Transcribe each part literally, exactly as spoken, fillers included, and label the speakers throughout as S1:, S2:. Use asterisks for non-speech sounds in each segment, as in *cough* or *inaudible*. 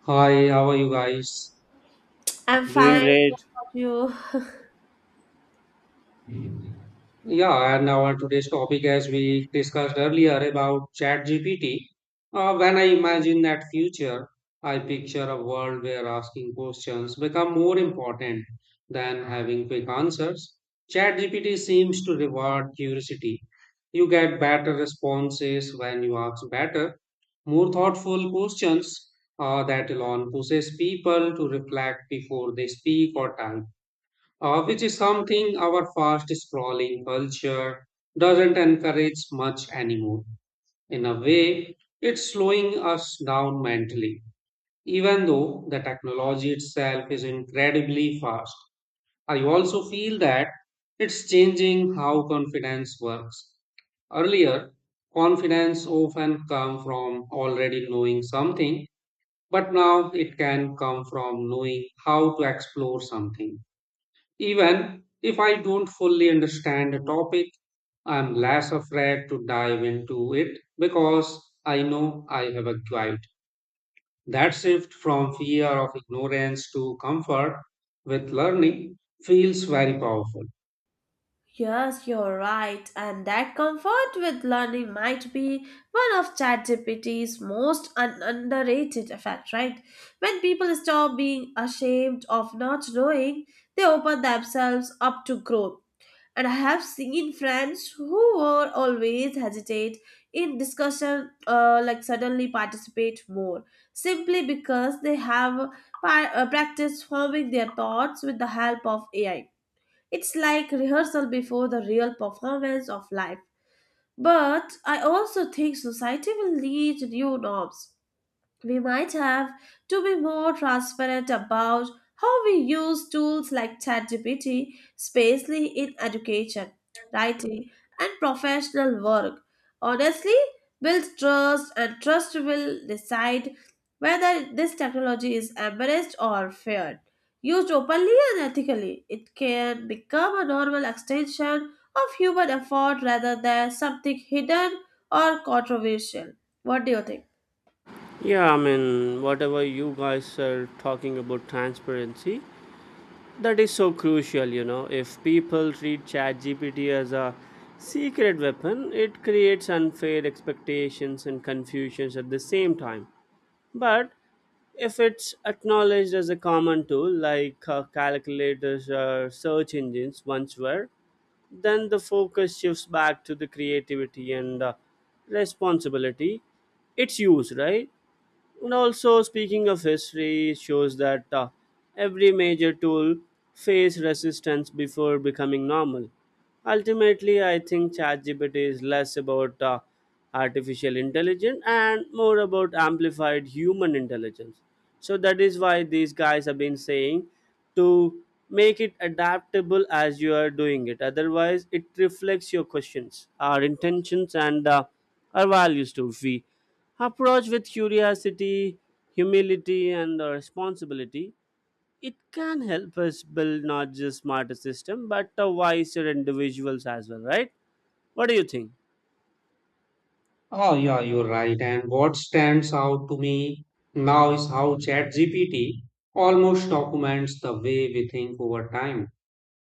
S1: Hi, how are you guys?
S2: I'm
S3: Doing
S2: fine.
S3: great.
S2: You,
S1: Yeah, and our today's topic, as we discussed earlier about ChatGPT, uh, when I imagine that future, I picture a world where asking questions become more important than having quick answers. ChatGPT seems to reward curiosity. You get better responses when you ask better, more thoughtful questions uh, that alone pushes people to reflect before they speak or type. Uh, which is something our fast scrolling culture doesn't encourage much anymore. In a way, it's slowing us down mentally, even though the technology itself is incredibly fast. I also feel that it's changing how confidence works. Earlier, confidence often come from already knowing something, but now it can come from knowing how to explore something even if I don't fully understand a topic, I'm less afraid to dive into it because I know I have acquired that shift from fear of ignorance to comfort with learning feels very powerful.
S2: yes, you're right. And that comfort with learning might be one of ChatGPT's most un- underrated effects, right? When people stop being ashamed of not knowing, they open themselves up to growth. And I have seen friends who were always hesitate in discussion, uh, like suddenly participate more simply because they have pa- uh, practiced forming their thoughts with the help of A I. It's like rehearsal before the real performance of life. But I also think society will need new norms. We might have to be more transparent about how we use tools like ChatGPT, Spacely in education, writing, and professional work. Honestly, build trust, and trust will decide whether this technology is embraced or feared. Used openly and ethically, it can become a normal extension of human effort rather than something hidden or controversial. What do you think?
S3: Yeah, I mean, whatever you guys are talking about transparency, that is so crucial, you know. If people treat ChatGPT as a secret weapon, it creates unfair expectations and confusions at the same time. But if it's acknowledged as a common tool like uh, calculators or search engines once were, then the focus shifts back to the creativity and uh, responsibility. It's use. Right? And also, speaking of history, it shows that uh, every major tool faced resistance before becoming normal. Ultimately, I think ChatGPT is less about uh, artificial intelligence and more about amplified human intelligence. So that is why these guys have been saying to make it adaptable as you are doing it. Otherwise, it reflects your questions, our intentions, and uh, our values too. If we approach with curiosity, humility, and uh, responsibility, it can help us build not just smarter system but a wiser individuals as well, right? What do you think?
S1: Oh, yeah, you're right. And what stands out to me now is how ChatGPT almost documents the way we think over time.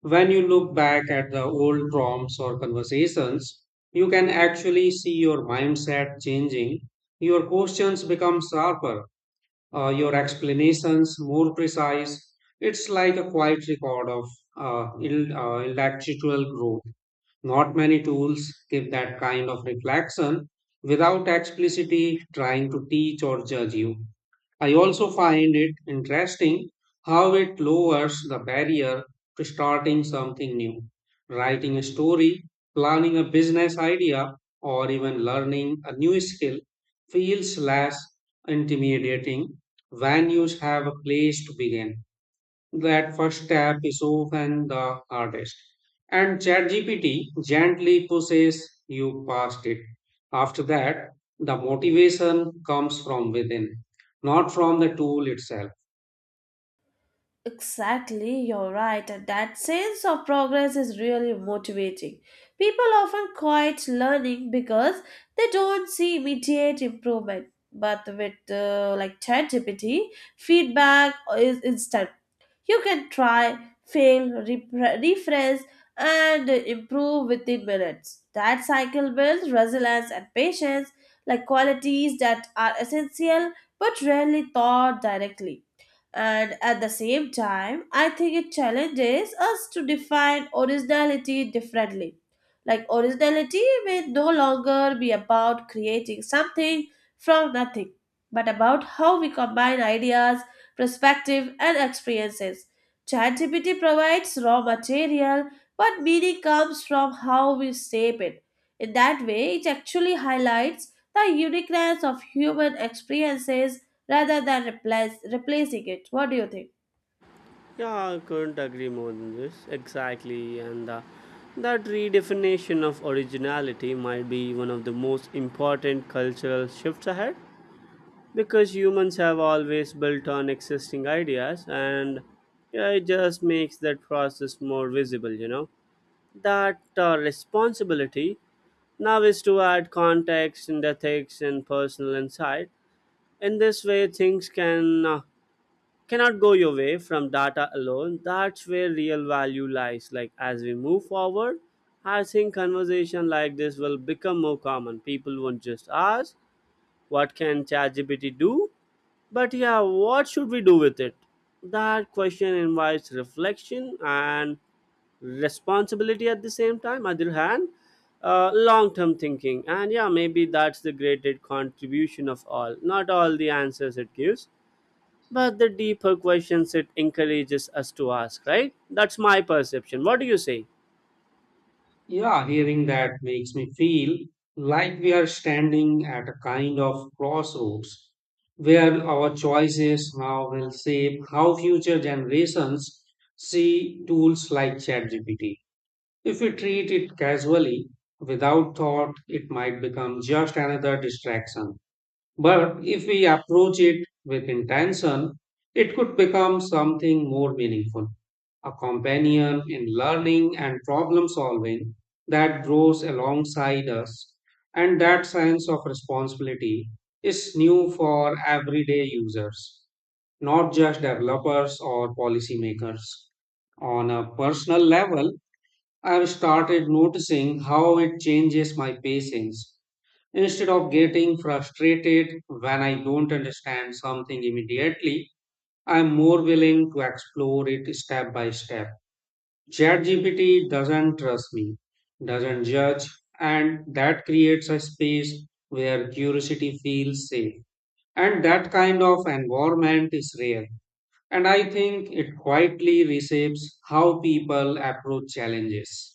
S1: When you look back at the old prompts or conversations, you can actually see your mindset changing. Your questions become sharper, uh, your explanations more precise. It's like a quiet record of uh, il- uh, intellectual growth. Not many tools give that kind of reflection without explicitly trying to teach or judge you. I also find it interesting how it lowers the barrier to starting something new. Writing a story, planning a business idea, or even learning a new skill feels less intimidating when you have a place to begin that first step is often the hardest. And ChatGPT gently pushes you past it. After that, the motivation comes from within, not from the tool itself.
S2: Exactly, you're right, and that sense of progress is really motivating. People often quit learning because they don't see immediate improvement. But with uh, like ChatGPT, feedback is instant. You can try, fail, repre- rephrase, and improve within minutes. That cycle builds resilience and patience, like qualities that are essential but rarely taught directly. And at the same time, I think it challenges us to define originality differently. Like, originality may no longer be about creating something from nothing, but about how we combine ideas, perspective, and experiences. ChatGPT provides raw material, but meaning comes from how we shape it. In that way, it actually highlights the uniqueness of human experiences rather than replace, replacing it. What do you think?
S3: Yeah, I couldn't agree more than this. Exactly, and uh, that redefinition of originality might be one of the most important cultural shifts ahead because humans have always built on existing ideas and yeah, it just makes that process more visible, you know that uh, responsibility now is to add context and ethics and personal insight. In this way, things can uh, cannot go your way from data alone. That's where real value lies. Like as we move forward, I think conversation like this will become more common. People won't just ask, "What can ChatGPT do?" But yeah, what should we do with it? That question invites reflection and responsibility at the same time other hand uh, long-term thinking, and yeah, maybe that's the greatest contribution of all, not all the answers it gives but the deeper questions it encourages us to ask, right? That's my perception. What do you say?
S1: Yeah, hearing that makes me feel like we are standing at a kind of crossroads where our choices now will shape how future generations see tools like ChatGPT. If we treat it casually, without thought, it might become just another distraction. But if we approach it with intention, it could become something more meaningful, a companion in learning and problem solving that grows alongside us. And that sense of responsibility is new for everyday users, not just developers or policymakers on a personal level, I've started noticing how it changes my patience. Instead of getting frustrated when I don't understand something immediately, I'm more willing to explore it step by step. ChatGPT doesn't trust me, doesn't judge, and that creates a space where curiosity feels safe. And that kind of environment is rare. And I think it quietly reshapes how people approach challenges.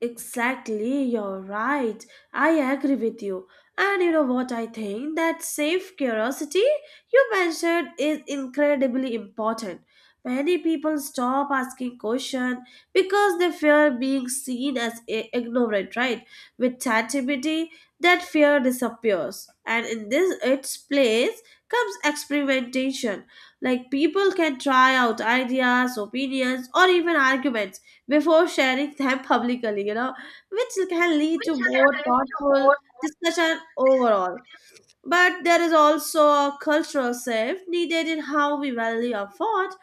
S2: Exactly, you're right. I agree with you. And you know what I think? That safe curiosity you mentioned is incredibly important. Many people stop asking questions because they fear being seen as i- ignorant, right? With ChatGPT, that fear disappears. And in this its place comes experimentation. Like people can try out ideas, opinions, or even arguments before sharing them publicly, you know, which can lead to more thoughtful discussion overall. But there is also a cultural shift needed in how we value effort.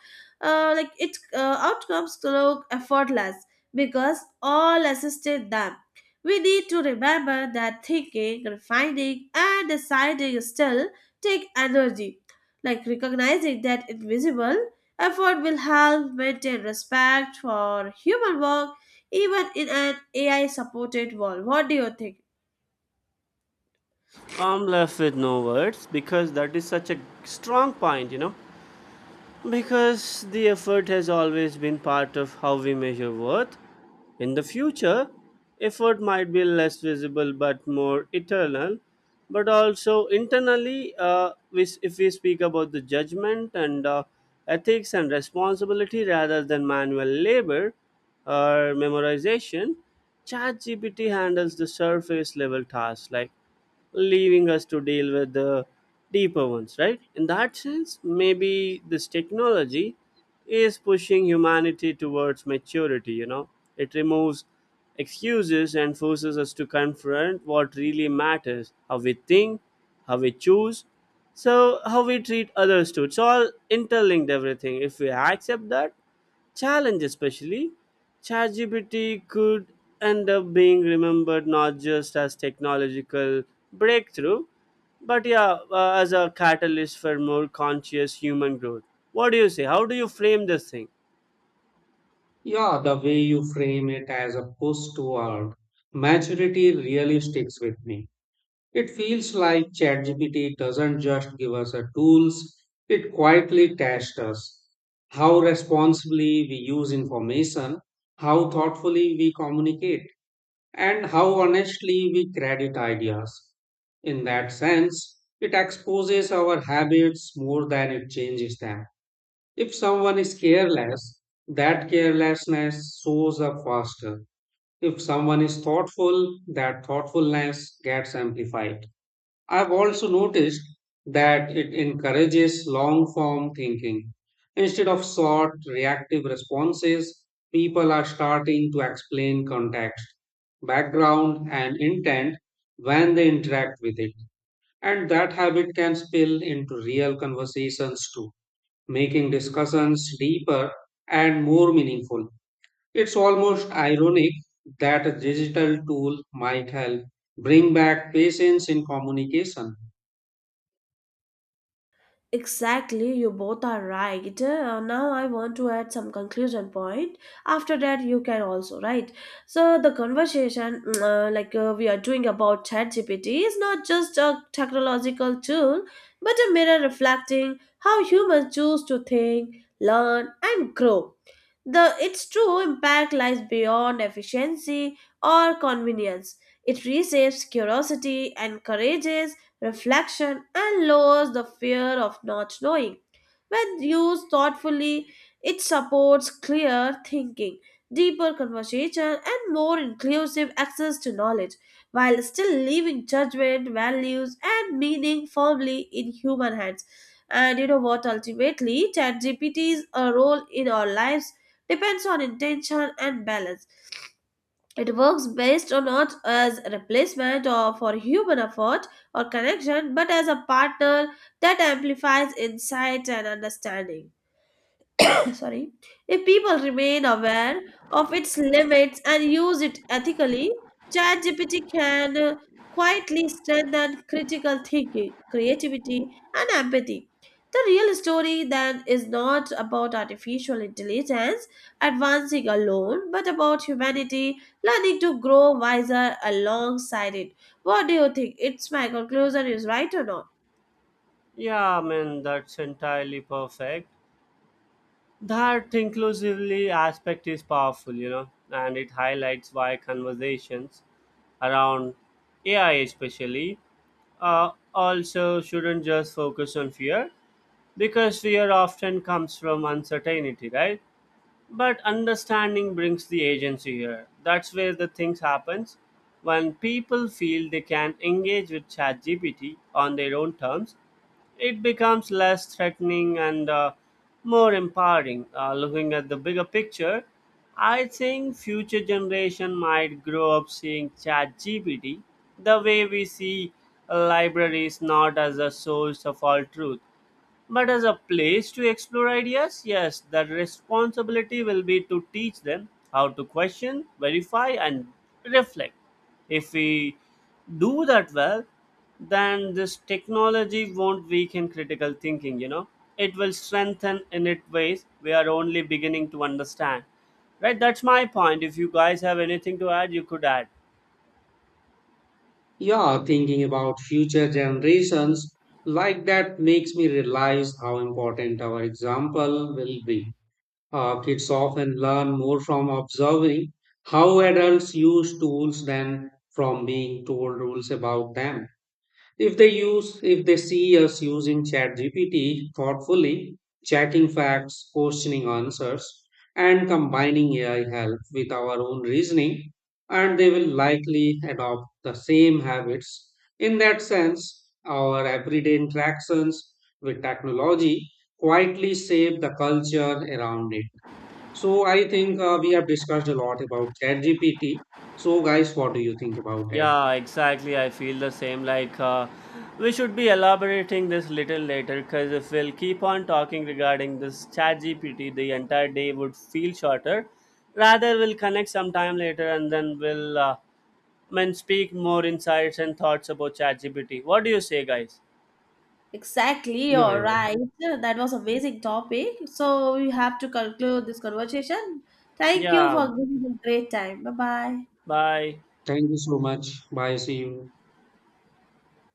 S2: Uh, like its uh, outcomes look effortless because all assisted them. We need to remember that thinking, refining, and deciding still take energy. Like recognizing that invisible effort will help maintain respect for human work even in an A I supported world. What do you think?
S3: I'm left with no words because that is such a strong point, you know, because the effort has always been part of how we measure worth. In the future effort might be less visible but more eternal. But also internally uh, we, if we speak about the judgment and uh, ethics and responsibility rather than manual labor or memorization, ChatGPT handles the surface level tasks, like leaving us to deal with the deeper ones, right? In that sense, maybe this technology is pushing humanity towards maturity, you know. It removes excuses and forces us to confront what really matters: how we think, how we choose, so how we treat others too. It's all interlinked, everything. If we accept that challenge, especially, ChatGPT could end up being remembered not just as technological breakthrough but yeah uh, as a catalyst for more conscious human growth. What do you say? How do you frame this thing?
S1: Yeah, the way you frame it as a push toward maturity really sticks with me. It feels like ChatGPT doesn't just give us a tools, it quietly tests us. How responsibly we use information, how thoughtfully we communicate, and how honestly we credit ideas. In that sense, it exposes our habits more than it changes them. If someone is careless, that carelessness shows up faster. If someone is thoughtful, that thoughtfulness gets amplified. I've also noticed that it encourages long form thinking. Instead of short, reactive responses, people are starting to explain context, background, and intent when they interact with it. And that habit can spill into real conversations too making discussions deeper and more meaningful. It's almost ironic that a digital tool might help bring back patience in communication.
S2: Exactly, you both are right. Uh, now I want to add some conclusion point. After that, you can also right. So the conversation, mm, uh, like uh, we are doing about ChatGPT, is not just a technological tool, but a mirror reflecting how humans choose to think, learn, and grow. The its true impact lies beyond efficiency or convenience. It reshapes curiosity, encourages reflection, and lowers the fear of not knowing. When used thoughtfully, it supports clear thinking, deeper conversation, and more inclusive access to knowledge, while still leaving judgment, values, and meaning firmly in human hands. And you know what? Ultimately, ChatGPT's a role in our lives depends on intention and balance. It works based on not as a replacement or for human effort or connection, but as a partner that amplifies insight and understanding. *coughs* Sorry, if people remain aware of its limits and use it ethically, chatgpt can uh, quietly strengthen critical thinking, creativity, and empathy. The real story then is not about artificial intelligence advancing alone, but about humanity learning to grow wiser alongside it. What do you think? It's my conclusion is right or not?
S3: Yeah, man, that's entirely perfect. That inclusively aspect is powerful, you know, and it highlights why conversations around A I, especially, uh, also shouldn't just focus on fear because fear often comes from uncertainty, right? But understanding brings the agency here. That's where the things happens. When people feel they can engage with ChatGPT on their own terms, it becomes less threatening and uh, more empowering. Uh, looking at the bigger picture, I think future generation might grow up seeing ChatGPT the way we see libraries, not as a source of all truth, but as a place to explore ideas. Yes, the responsibility will be to teach them how to question, verify, and reflect. If we do that well, then this technology won't weaken critical thinking, you know. It will strengthen in it ways we are only beginning to understand. Right, that's my point. If you guys have anything to add, you could add.
S1: Yeah, thinking about future generations like that makes me realize how important our example will be. Uh, kids often learn more from observing how adults use tools than from being told rules about them. If they use, if they see us using ChatGPT thoughtfully, checking facts, questioning answers, and combining A I help with our own reasoning, and they will likely adopt the same habits. In that sense, our everyday interactions with technology quietly shape the culture around it. So I think uh, we have discussed a lot about ChatGPT. So guys, what do you think about that?
S3: Yeah, exactly. I feel the same. Like, uh, we should be elaborating this little later because if we'll keep on talking regarding this chat G P T, the entire day would feel shorter. Rather, we'll connect sometime later and then we'll uh, I mean, speak more insights and thoughts about chat G P T. What do you say, guys?
S2: Exactly.
S1: Yeah,
S2: All
S1: yeah.
S2: right. That was amazing topic. So we have to conclude this conversation. Thank you
S3: Yeah,
S2: for giving me a great time. Bye bye.
S3: bye.
S1: Thank you so much. Bye. See you.